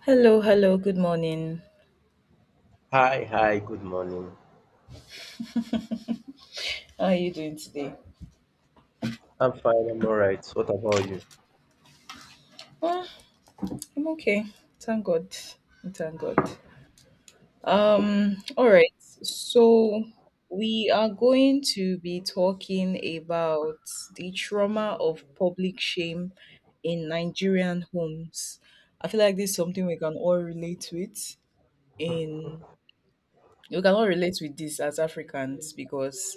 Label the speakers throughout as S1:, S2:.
S1: Hello, hello, good morning.
S2: Hi, hi, good morning.
S1: How are you doing today?
S2: I'm fine, I'm all right. What about you?
S1: Uh, I'm okay. Thank God. Thank God. All right. So we are going to be talking about the trauma of public shame in Nigerian homes. I feel like this is something we can all relate with in this as Africans because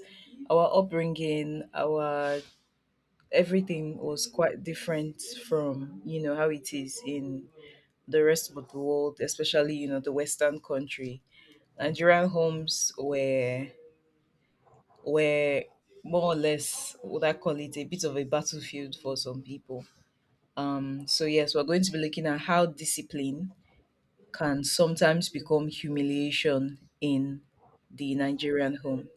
S1: our upbringing, our everything was quite different from how it is in the rest of the world, especially the Western country. Nigerian homes were more or less, would I call it, a bit of a battlefield for some people. So yes, we're going to be looking at how discipline can sometimes become humiliation in the Nigerian home.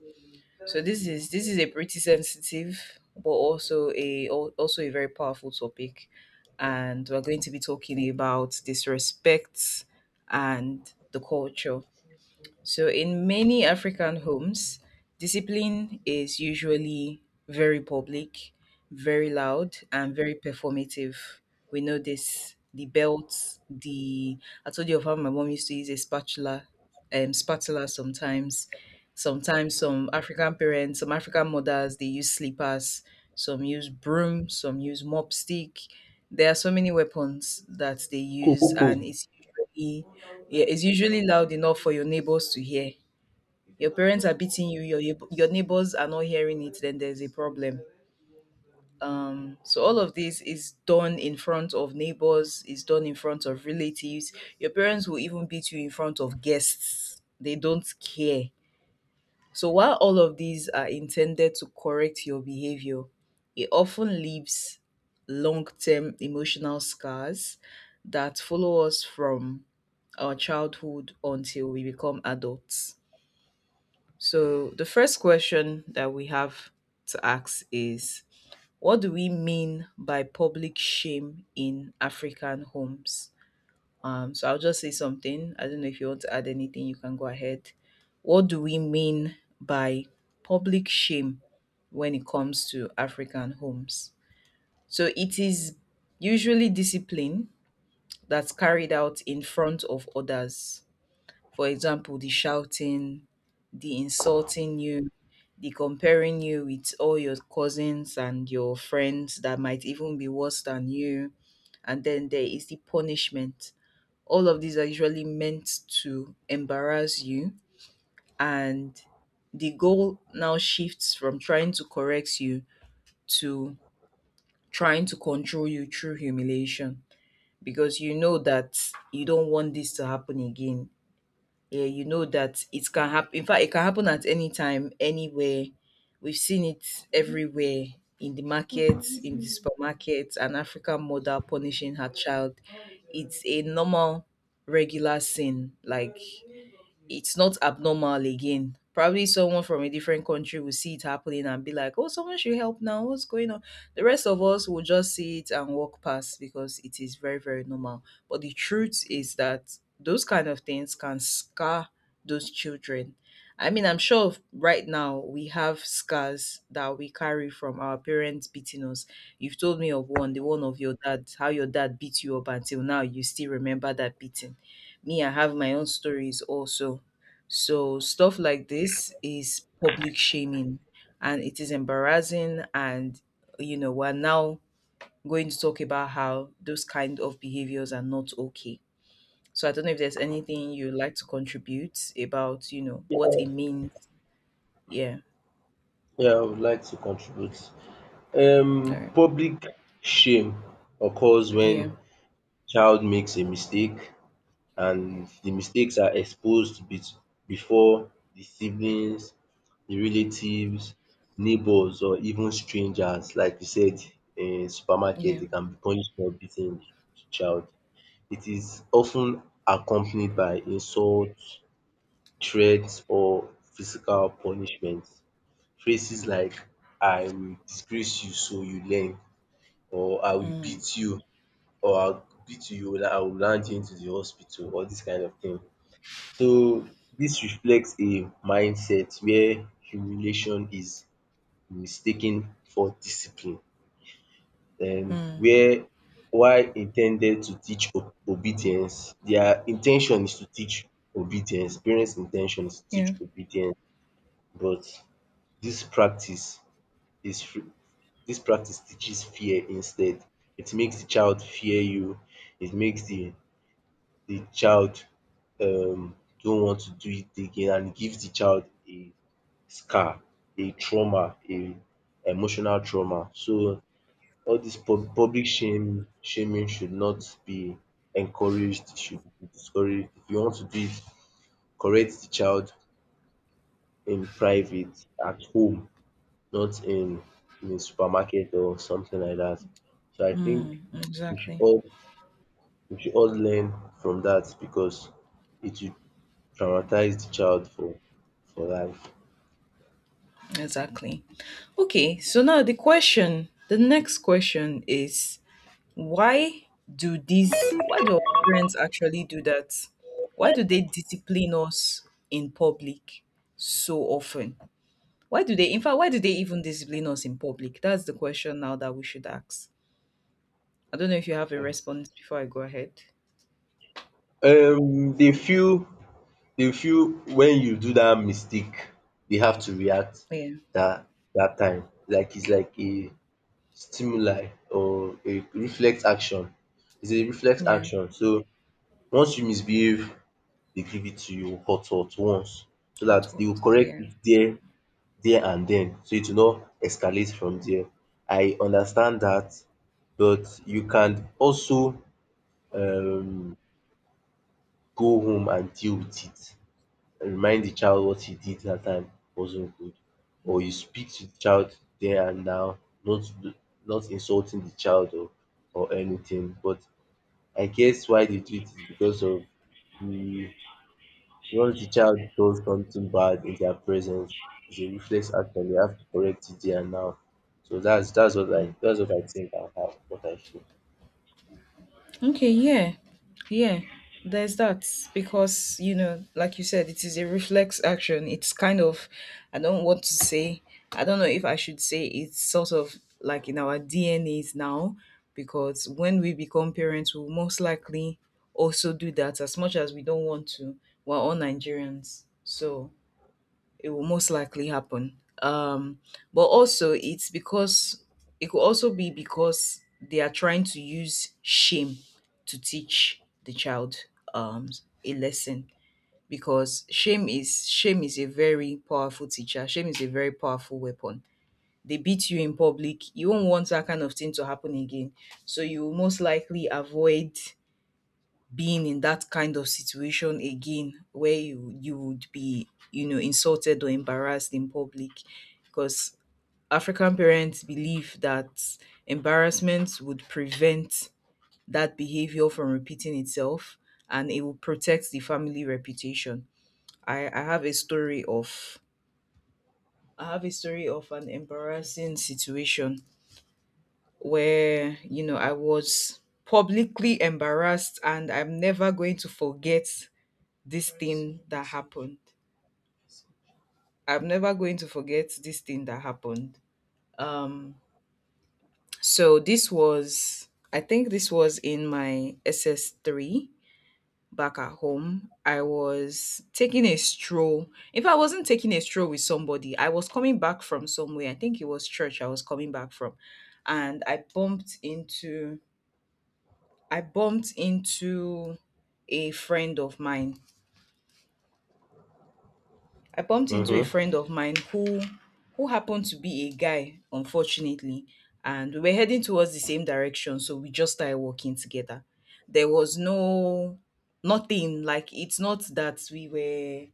S1: So this is a pretty sensitive, but also a very powerful topic, and we're going to be talking about disrespect and the culture. So in many African homes, discipline is usually very public, very loud, and very performative. We know this. The belts, the I told you of how my mom used to use a spatula, sometimes. Sometimes some African parents, some African mothers, they use slippers, some use broom, some use mop stick. There are so many weapons that they
S2: Cool,
S1: use,
S2: cool,
S1: and
S2: cool.
S1: it's usually, yeah, it's usually loud enough for your neighbors to hear. Your parents are beating you, your neighbors are not hearing it, then there's a problem. So all of this is done in front of neighbors, is done in front of relatives. Your parents will even beat you in front of guests. They don't care. So while all of these are intended to correct your behavior, it often leaves long term emotional scars that follow us from our childhood until we become adults. So, the first question that we have to ask is: What do we mean by public shame in African homes? So I'll just say something. I don't know if you want to add anything, you can go ahead. What do we mean by public shame when it comes to African homes? So it is usually discipline that's carried out in front of others. For example, the shouting, the insulting you, the comparing you with all your cousins and your friends that might even be worse than you. And then there is the punishment. All of these are usually meant to embarrass you, and the goal now shifts from trying to correct you to trying to control you through humiliation because you know that you don't want this to happen again. Yeah, you know that it can happen. In fact, it can happen at any time, anywhere. We've seen it everywhere in the markets, in the supermarkets. An African mother punishing her child. It's a normal, regular sin. Like it's not abnormal again. Probably someone from a different country will see it happening and be like, oh, someone should help now. What's going on? The rest of us will just see it and walk past because it is very, very normal. But the truth is that those kind of things can scar those children. I mean, I'm sure right now we have scars that we carry from our parents beating us. You've told me of one, the one of your dad, how your dad beat you up until now, you still remember that beating. Me, I have my own stories also. So stuff like this is public shaming and it is embarrassing, and we're now going to talk about how those kind of behaviors are not okay. So I don't know if there's anything you'd like to contribute about, what it means. Yeah.
S2: Yeah, I would like to contribute.
S1: All right.
S2: Public shame occurs
S1: Yeah,
S2: when child makes a mistake, and the mistakes are exposed be before the siblings, the relatives, neighbors, or even strangers. Like you said, in supermarket,
S1: yeah.
S2: they can be punished for beating the child. It is often accompanied by insults, threats, or physical punishment. Phrases like, I will disgrace you so you learn, or I will
S1: Mm,
S2: beat you, or I'll beat I will land you into the hospital, all this kind of thing. So this reflects a mindset where humiliation is mistaken for discipline, and
S1: mm,
S2: where, while intended to teach obedience, their intention is to teach obedience. Parents in is to teach
S1: yeah.
S2: obedience but This is fr- practice teaches fear instead. It makes the child fear you. It makes the child um don't want to do it again, and gives the child a scar, a trauma, a emotional trauma. So all this public shame shaming should not be encouraged, it should be discouraged. If you want to do it, correct the child in private at home, not in a supermarket or something like that. So I think
S1: Mm,
S2: we should
S1: exactly.
S2: all we should all learn from that, because it will traumatize the child for life.
S1: Exactly. Okay, so now the next question is, why do these why do our parents actually do that? Why do they discipline us in public so often? Why do they in fact why do they even discipline us in public? That's the question now that we should ask. I don't know if you have a response before I go ahead.
S2: They feel they feel when you do that mistake, they have to react
S1: Yeah,
S2: that that time. Like, it's like a stimuli or a reflex action. It's a reflex
S1: yeah.
S2: action. So once you misbehave, they give it to you hot hot once, so
S1: Hot
S2: that
S1: hot,
S2: they'll correct
S1: yeah.
S2: it there and then, so it will not escalate from there. I understand that, but you can also um go home and deal with it, and remind the child what he did that time wasn't good. Or you speak to the child there and now, not not insulting the child or anything. But I guess why they do it is because of the. Once the child does something bad in their presence, it's a reflex action. They have to correct it there and now. So that's what I think, and what I feel.
S1: Okay, yeah, yeah, there's that because, like you said, it is a reflex action. It's kind of, I don't want to say, I don't know if I should say, it's sort of like in our DNAs now, because when we become parents, we'll most likely also do that as much as we don't want to. We're all Nigerians, so it will most likely happen. Um, but also, it could also be because they are trying to use shame to teach the child um, a lesson because shame is a very powerful teacher. Shame is a very powerful weapon. They beat you in public. You won't want that kind of thing to happen again. So you will most likely avoid being in that kind of situation again where you would be, insulted or embarrassed in public because African parents believe that embarrassment would prevent that behavior from repeating itself and it will protect the family reputation. I have a story of an embarrassing situation where I was publicly embarrassed and I'm never going to forget this thing that happened. I'm never going to forget this thing that happened. Um, so I think this was in my SS3 back at home. I was taking a stroll. If I wasn't taking a stroll with somebody, I was coming back from somewhere. I think it was church I was coming back from. And I bumped into a friend of mine I bumped into a
S2: Mm-hmm.
S1: friend of mine who happened to be a guy, unfortunately, and we were heading towards the same direction, so we just started walking together. There was nothing like,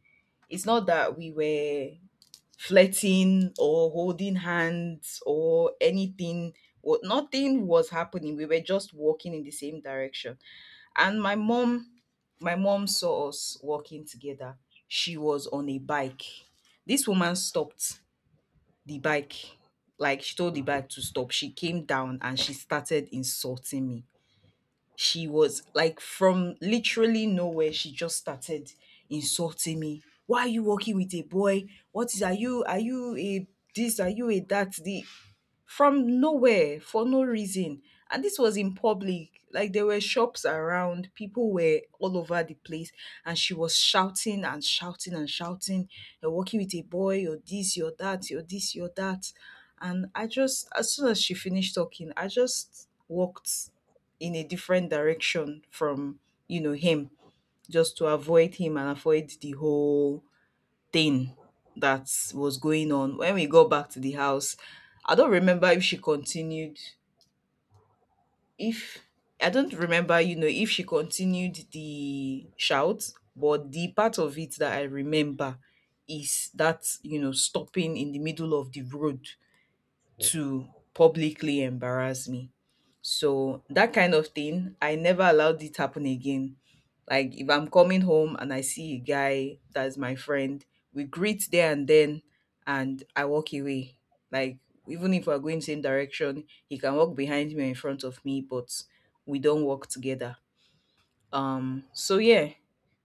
S1: it's not that we were flirting or holding hands or anything. What Nothing was happening. We were just walking in the same direction, and my mom saw us walking together. She was on a bike. This woman stopped the bike. Like she told the bike to stop. She came down and she started insulting me. She was like, from literally nowhere, she just started insulting me. Why are you walking with a boy? What is are you a this? Are you a that? The From nowhere for no reason. And this was in public. Like there were shops around, people were all over the place, and she was shouting and shouting and shouting. You're working with a boy, you're this, you're that, you're this, you're that. And I just, as soon as she finished talking, I just walked in a different direction from, him, just to avoid him and avoid the whole thing that was going on. When we got back to the house, I don't remember if she continued if I don't remember, if she continued the shout, but the part of it that I remember is that, stopping in the middle of the road to publicly embarrass me. So that kind of thing, I never allowed it happen again. Like if I'm coming home and I see a guy that's my friend, we greet there and then and I walk away. Like even if we're going same direction, he can walk behind me or in front of me, but we don't walk together. So yeah,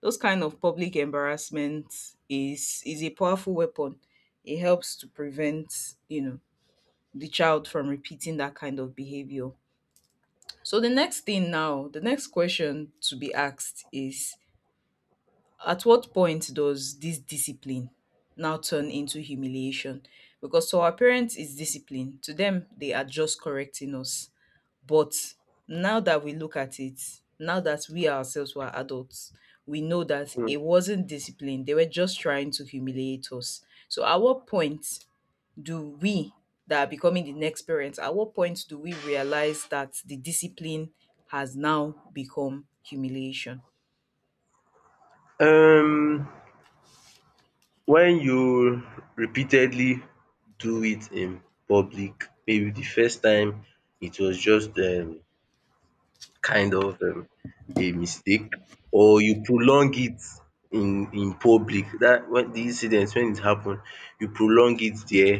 S1: those kind of public embarrassment is a powerful weapon. It helps to prevent, you know, the child from repeating that kind of behavior. So the next thing now, the next question to be asked is, at what point does this discipline now turn into humiliation? Because to our parents it's discipline. To them they are just correcting us, but now that we look at it, now that we ourselves were adults, we know that it wasn't discipline. They were just trying to humiliate us. So at what point do we that are becoming the next parents, at what point do we realize that the discipline has now become humiliation?
S2: Um, when you repeatedly do it in public, maybe the first time it was just kind of a mistake, or you prolong it in public. That When the incident when it happen, you prolong it there,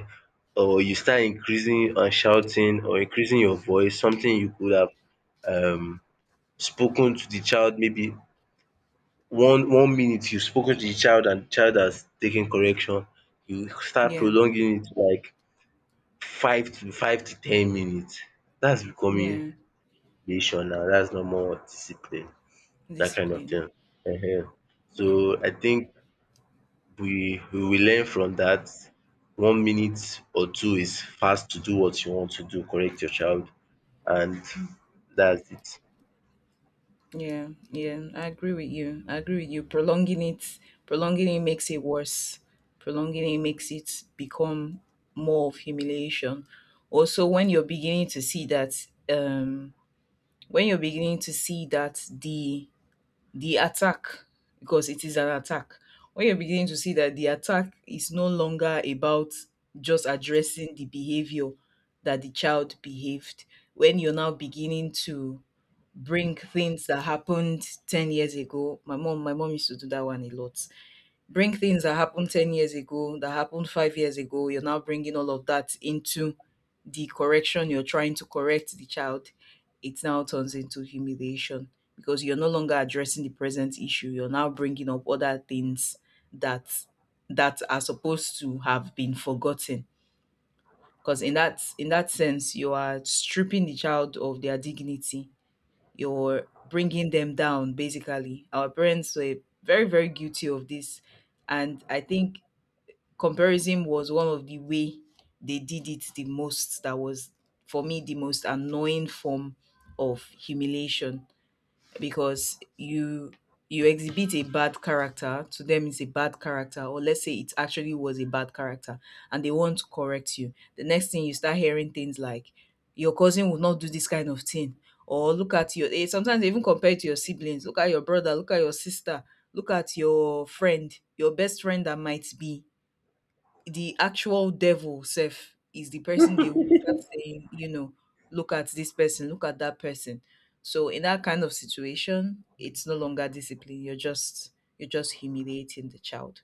S2: or you start increasing and shouting, or increasing your voice. Something you could have um spoken to the child, maybe one minute you've spoken to the child and the child has taken correction, you start
S1: Yeah,
S2: prolonging it to like five to ten minutes. That's becoming
S1: yeah,
S2: nation now, that's no more discipline, that kind of
S1: discipline.
S2: thing. Ehen. So
S1: Yeah.
S2: I think we will learn from that. 1 minute or two is fast to do what you want to do, correct your child, and that's it.
S1: Yeah, yeah, I agree with you. I agree with you. Prolonging it makes it worse. Prolonging it makes it become more of humiliation. Also, um, when you're beginning to see that the attack, because it is an attack, when you're beginning to see that the attack is no longer about just addressing the behavior that the child behaved, when you're now beginning to bring things that happened 10 years ago. My mom used to do that one a lot. Bring things that happened 10 years ago, that happened 5 years ago. You're now bringing all of that into the correction, you're trying to correct the child. It now turns into humiliation because you're no longer addressing the present issue. You're now bringing up other things that that are supposed to have been forgotten because in that sense you are stripping the child of their dignity. You're bringing them down. Basically, our parents were very, very guilty of this, and I think comparison was one of the way they did it the most. That was, for me, the most annoying form of humiliation. Because you exhibit a bad character to them, it's a bad character, or let's say it actually was a bad character, and they want to correct you, the next thing you start hearing things like, your cousin would not do this kind of thing, or look at your sometimes they even compare it to your siblings, look at your brother, look at your sister, look at your friend, your best friend that might be the actual devil self is the person. They will start saying, you know, look at this person, look at that person. So in that kind of situation, it's no longer discipline. You're just humiliating the child.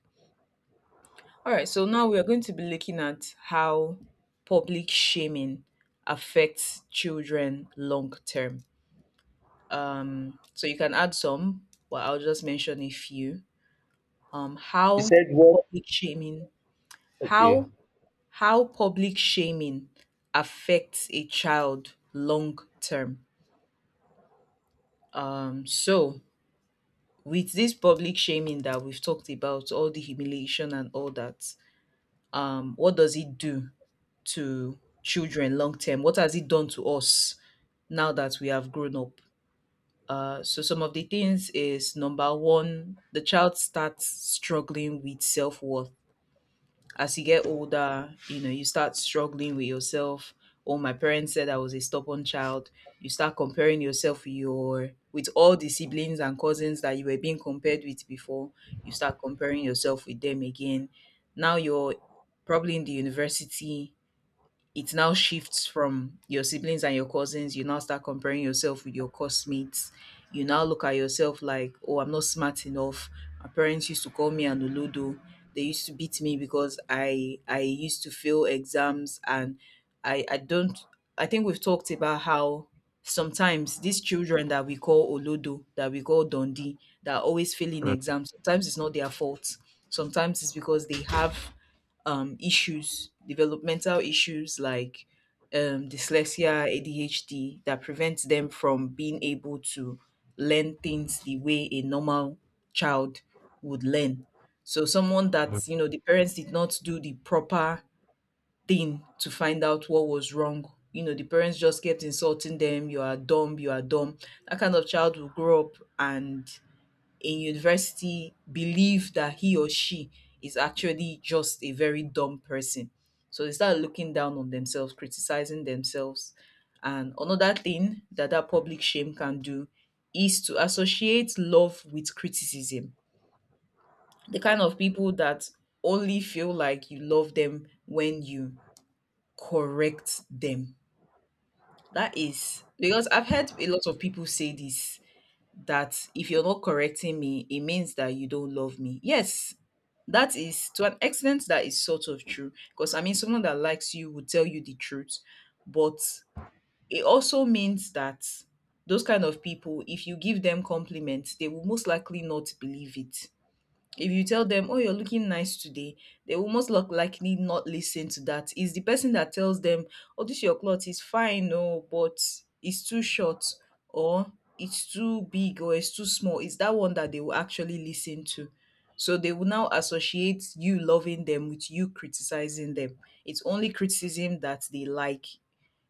S1: All right, so now we are going to be looking at how public shaming affects children long term. So you can add some, but I'll just mention a few. Um,
S2: You
S1: how
S2: said what?
S1: public shaming,
S2: Okay.
S1: how How public shaming affects a child long term. Um, so, with this public shaming that we've talked about, all the humiliation and all that, what does it do to children long term? What has it done to us now that we have grown up? Some of the things is number one, the child starts struggling with self worth. As you get older, you know, you start struggling with yourself. Oh, my parents said I was a stubborn child. You start comparing yourself with your with all the siblings and cousins that you were being compared with before. You start comparing yourself with them again. Now you're probably in the university, it now shifts from your siblings and your cousins. You now start comparing yourself with your classmates. You now look at yourself like, oh, I'm not smart enough. My parents used to call me an oludo. They used to beat me because I used to fail exams, and I don't I think we've talked about how sometimes these children that we call olodo, that we call Dundee, that are always failing exams, sometimes it's not their fault. Sometimes it's because they have issues, developmental issues like dyslexia, ADHD, that prevents them from being able to learn things the way a normal child would learn. So, someone that, you know, the parents did not do the proper thing to find out what was wrong. You know, the parents just kept insulting them, you are dumb, you are dumb. That kind of child will grow up and in university believe that he or she is actually just a very dumb person. So they start looking down on themselves, criticizing themselves. And another thing that public shame can do is to associate love with criticism. The kind of people that only feel like you love them when you correct them. That is because I've heard a lot of people say this, that if you're not correcting me, it means that you don't love me. Yes, that is, to an extent, that is sort of true. Because I mean, someone that likes you will tell you the truth, but it also means that those kind of people, if you give them compliments, they will most likely not believe it. If you tell them, "Oh, you're looking nice today," they will most look likely not listen to that. It's the person that tells them, "Oh, this your cloth is fine, no, but it's too short, or it's too big, or it's too small." It's that one that they will actually listen to. So they will now associate you loving them with you criticizing them. It's only criticism that they like.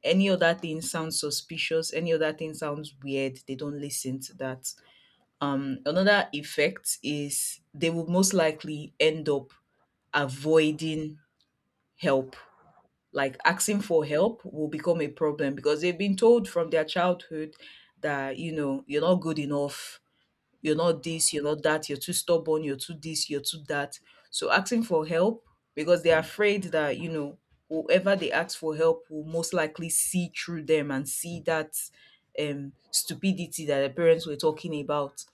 S1: Any other thing sounds suspicious. Any other thing sounds weird. They don't listen to that. Another effect is they will most likely end up avoiding help. Like asking for help will become a problem because they've been told from their childhood that, you know, you're not good enough, you're not this, you're not that, you're too stubborn, you're too this, you're too that. So asking for help, because they're afraid that, you know, whoever they ask for help will most likely see through them and see that stupidity that their parents were talking about.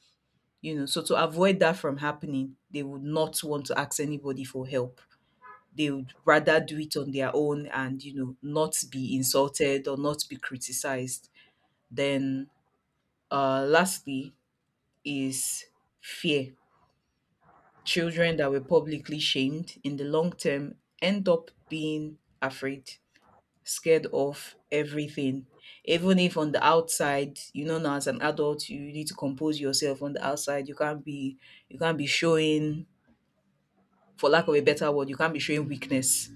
S1: You know, so to avoid that from happening, they would not want to ask anybody for help. They would rather do it on their own and, you know, not be insulted or not be criticized. Then, lastly, is fear. Children that were publicly shamed, in the long term, end up being afraid, scared of everything. Even if on the outside, you know, now as an adult you need to compose yourself on the outside, you can't be showing, for lack of a better word, you can't be showing weakness.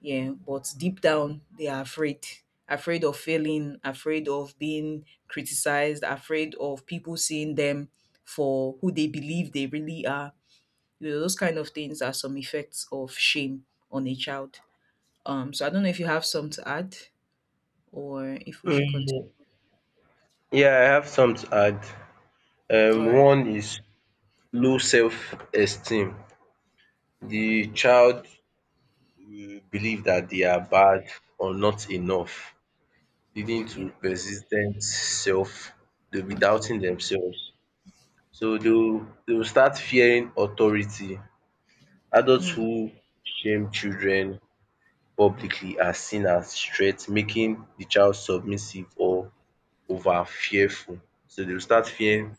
S1: Yeah, but deep down, they are afraid. Afraid of failing, afraid of being criticized, afraid of people seeing them for who they believe they really are. You know, those kind of things are some effects of shame on a child. So I don't know if you have some to add or if we should continue.
S2: Mm, yeah, I have some to add.
S1: All right.
S2: One is low self-esteem. The child will believe that they are bad or not enough, leading
S1: Yeah.
S2: to persistent self. They'll be doubting themselves. So they will start fearing authority. Adults
S1: Mm.
S2: who shame children publicly are seen as threat, making the child submissive or over fearful, so they will start fearing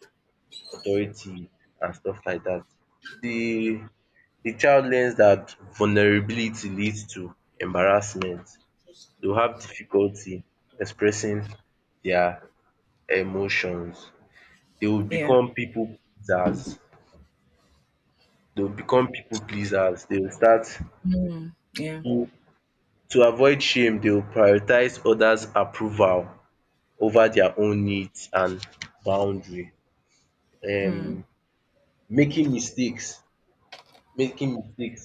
S2: authority and stuff like that. The the child learns that vulnerability leads to embarrassment. They will have difficulty expressing their emotions. They will
S1: Yeah.
S2: become people pleasers. They will start
S1: Mm. Yeah.
S2: to to avoid shame. They will prioritize others' approval over their own needs and boundary. Um
S1: Mm.
S2: making mistakes making mistakes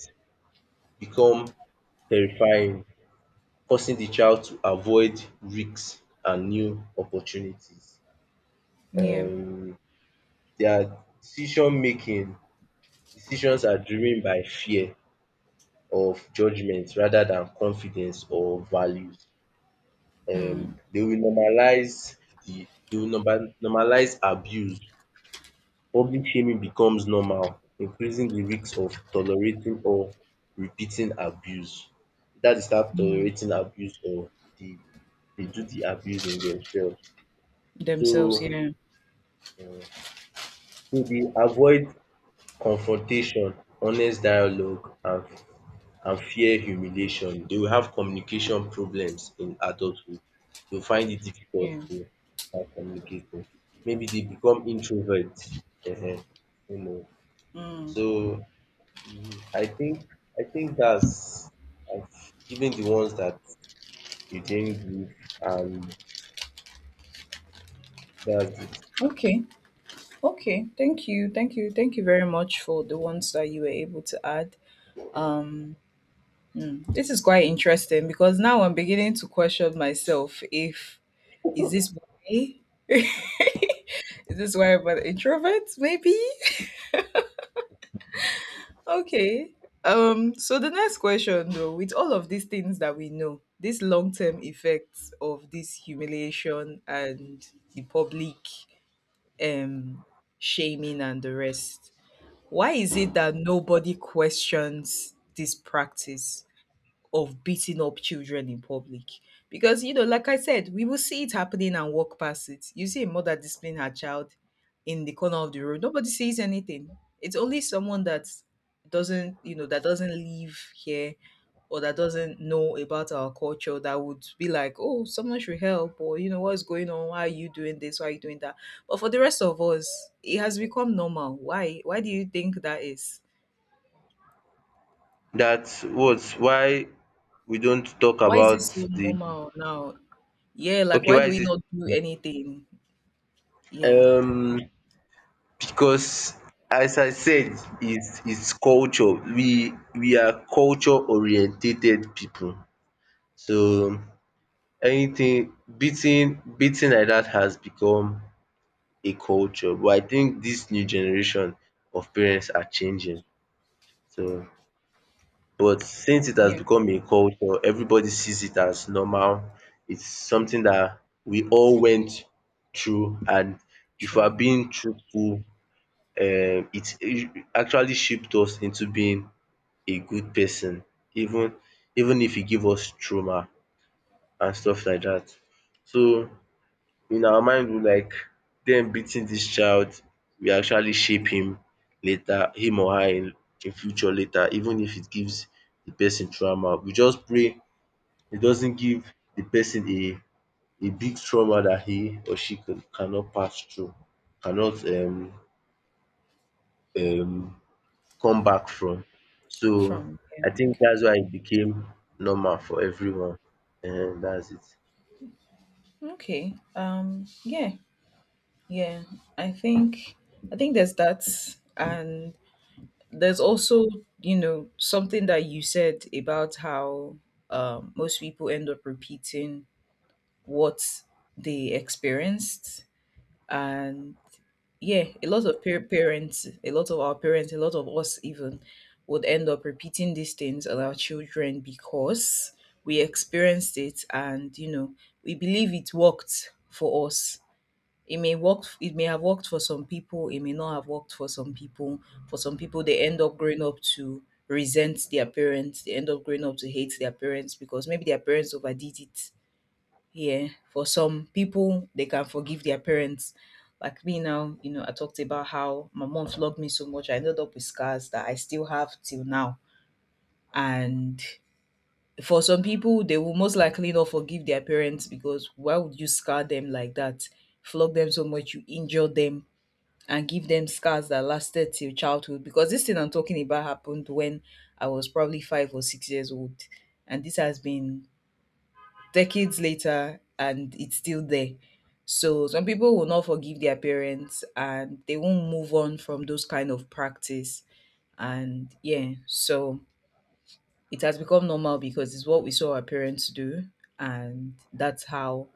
S2: become terrifying, forcing the child to avoid risks and new opportunities.
S1: Yeah.
S2: Um their decision making decisions are driven by fear of judgement rather than confidence or values.
S1: Mm.
S2: They will normalize the they will normal normalize abuse. Public shaming becomes normal, increasing the risk of tolerating or repeating abuse. Either they start
S1: Mm.
S2: tolerating abuse, or they they do the abuse in themselves.
S1: Themselves.
S2: So
S1: Yeah.
S2: um so they avoid confrontation, honest dialogue, and fear humiliation. They will have communication problems in adulthood. They'll find it difficult
S1: Yeah.
S2: to start communicating. Maybe they become introverts. Ehen, you know.
S1: Mm.
S2: So mm, I think I think that's I've given the ones that you didn't give, and that's it.
S1: Okay. Okay, thank you, thank you, thank you very much for the ones that you were able to add. Um, hmm, this is quite interesting because now I'm beginning to question myself if, is this why? Is this why I'm an introvert? Maybe. Okay. So the next question though, with all of these things that we know, these long-term effects of this humiliation and the public um shaming and the rest. Why is it that nobody questions this practice of beating up children in public? Because, you know, like I said, we will see it happening and walk past it. You see a mother discipline her child in the corner of the road, nobody says anything. It's only someone that doesn't, you know, that doesn't live here or that doesn't know about our culture that would be like, oh, someone should help, or, you know, what's going on? Why are you doing this? Why are you doing that? But for the rest of us, it has become normal. Why? Why do you think that is?
S2: That's what why we don't talk
S1: Why is
S2: about
S1: this so
S2: the
S1: normal now? Yeah, like
S2: Okay,
S1: why
S2: why
S1: do
S2: is
S1: we
S2: it?
S1: not do anything? Yeah.
S2: um because, as I said, it's culture. We are culture orientated people. So anything beating beating like that has become a culture. But I think this new generation of parents are changing. So but since it has
S1: Yeah,
S2: become a culture, everybody sees it as normal. It's something that we all went through, and if we're
S1: true.
S2: being truthful, it actually shaped us into being a good person, even even if it give us trauma and stuff like that. So in our mind, we like them beating this child. We actually shape him later, him or her, in future later, even if it gives the person trauma. We just pray it doesn't give the person a big trauma that he or she cannot pass through, cannot um come back from. So
S1: From, yeah,
S2: I think
S1: okay.
S2: that's why it became normal for everyone. And that's it.
S1: Okay. Yeah, yeah. I think I think there's that, and there's also, you know, something that you said about how most people end up repeating what they experienced. And yeah, a lot of parents, a lot of our parents, a lot of us even would end up repeating these things on our children because we experienced it, and you know, we believe it worked for us. It may work. It may have worked for some people. It may not have worked for some people. For some people, they end up growing up to resent their parents. They end up growing up to hate their parents because maybe their parents overdid it. Yeah, for some people, they can forgive their parents. Like me now, you know, I talked about how my mom flogged me so much. I ended up with scars that I still have till now. And for some people, they will most likely not forgive their parents, because why would you scar them like that? Flog them so much, you injure them and give them scars that lasted till childhood. Because this thing I'm talking about happened when I was probably 5 or 6 years old. And this has been decades later, and it's still there. So some people will not forgive their parents, and they won't move on from those kind of practice. And yeah, so it has become normal because it's what we saw our parents do, and that's how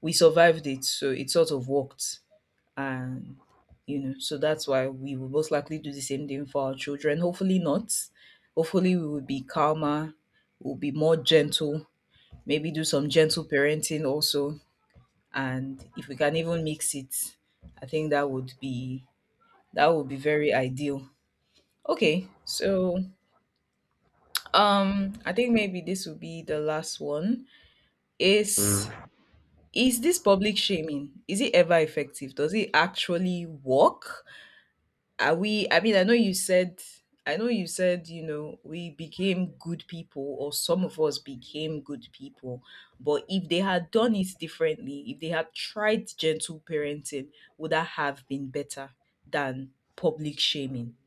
S1: we survived it. So it sort of worked. And, you know, so that's why we will most likely do the same thing for our children. Hopefully not. Hopefully we will be calmer, we'll be more gentle, maybe do some gentle parenting also, and if we can even mix it, I think that would be, that would be very ideal. Okay, so I think maybe this will be the last one
S2: Mm.
S1: is, this public shaming, is it ever effective? Does it actually work? Are we, I mean, I know you said, I know you said, you know, we became good people, or some of us became good people. But if they had done it differently, if they had tried gentle parenting, would that have been better than public shaming?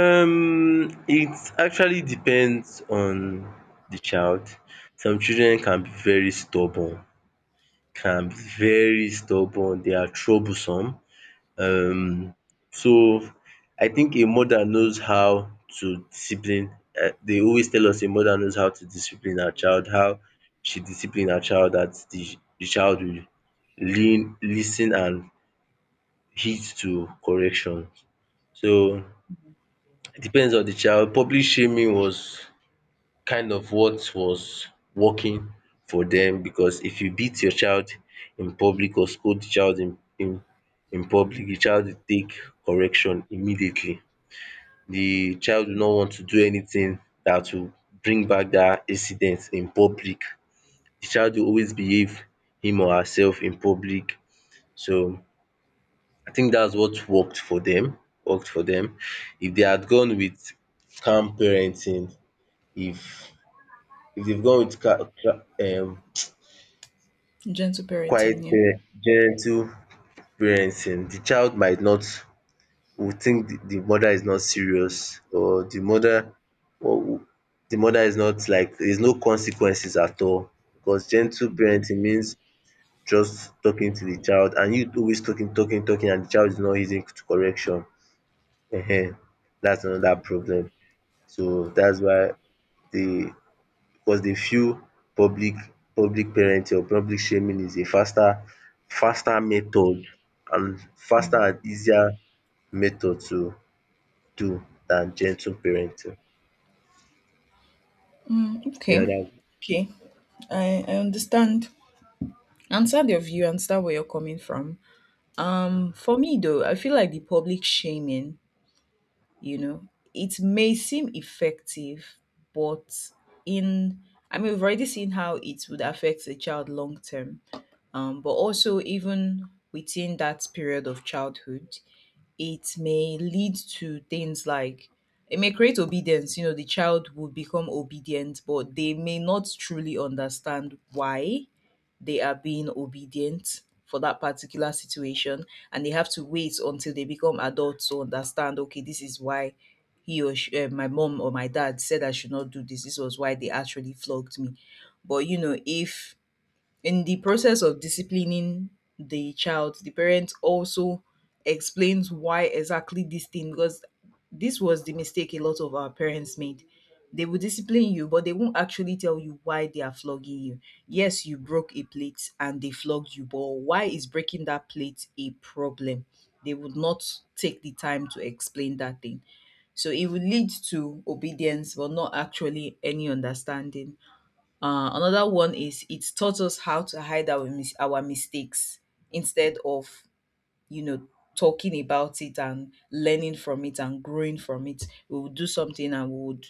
S2: Um it actually depends on the child. Some children can be very stubborn, can be, they are troublesome. um so I think a mother knows how to discipline. They always tell us a mother knows how to discipline her child, how she discipline her child, that the child will lean listen and heed to corrections. So it depends on the child. Public shaming was kind of what was working for them, because if you beat your child in public, or scold the child in in public, the child will take correction immediately. The child will not want to do anything that will bring back that incident in public. The child will always behave him or herself in public, so I think that's what worked for them. worked for them. If they had gone with calm parenting, if if they've gone with ca- ca-
S1: Gentle
S2: quite
S1: parenting, yeah.
S2: gentle parenting, the child might not will think the mother is not serious, or the mother or w- is not like there's no consequences at all, because gentle parenting means just talking to the child, and you always talking talking talking, and the child is not heeding to correction. um that's another problem. So that's why the cause dey feel public public parenting, or public shaming, is a faster method, and faster and easier method to do than gentle parenting.
S1: Mm,
S2: Yeah,
S1: okay.
S2: that,
S1: Okay. I understand. Understand your view, understand where you're coming from. For me though, I feel like the public shaming, you know, it may seem effective, but in, I mean, we've already seen how it would affect the child long term. But also, even within that period of childhood, it may lead to things like, it may create obedience. You know, the child would become obedient, but they may not truly understand why they are being obedient for that particular situation, and they have to wait until they become adults to understand, okay, this is why he or she, my mom or my dad said I should not do this, this was why they actually flogged me. But you know, if in the process of disciplining the child, the parent also explains why exactly this thing, because this was the mistake a lot of our parents made. They will discipline you, but they won't actually tell you why they are flogging you. Yes, you broke a plate and they flogged you, but why is breaking that plate a problem? They would not take the time to explain that thing. So it will lead to obedience, but not actually any understanding. Another one is it's taught us how to hide our mistakes instead of, you know, talking about it and learning from it and growing from it. We would do something and we would,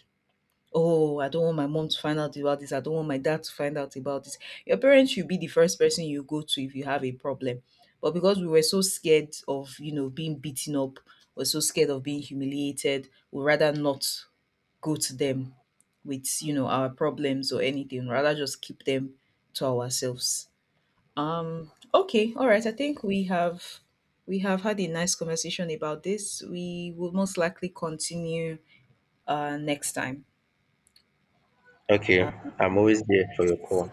S1: oh, I don't want my mom to find out about this. I don't want my dad to find out about this. Your parents should be the first person you go to if you have a problem. But because we were so scared of, you know, being beaten up, we're so scared of being humiliated, we rather not go to them with, you know, our problems or anything, rather just keep them to ourselves. Okay, all right, I think we have had a nice conversation about this. We will most likely continue next time.
S2: okay. I'm always there for your call.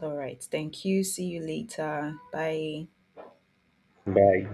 S1: All right, thank you, see you later, bye.
S2: Bye.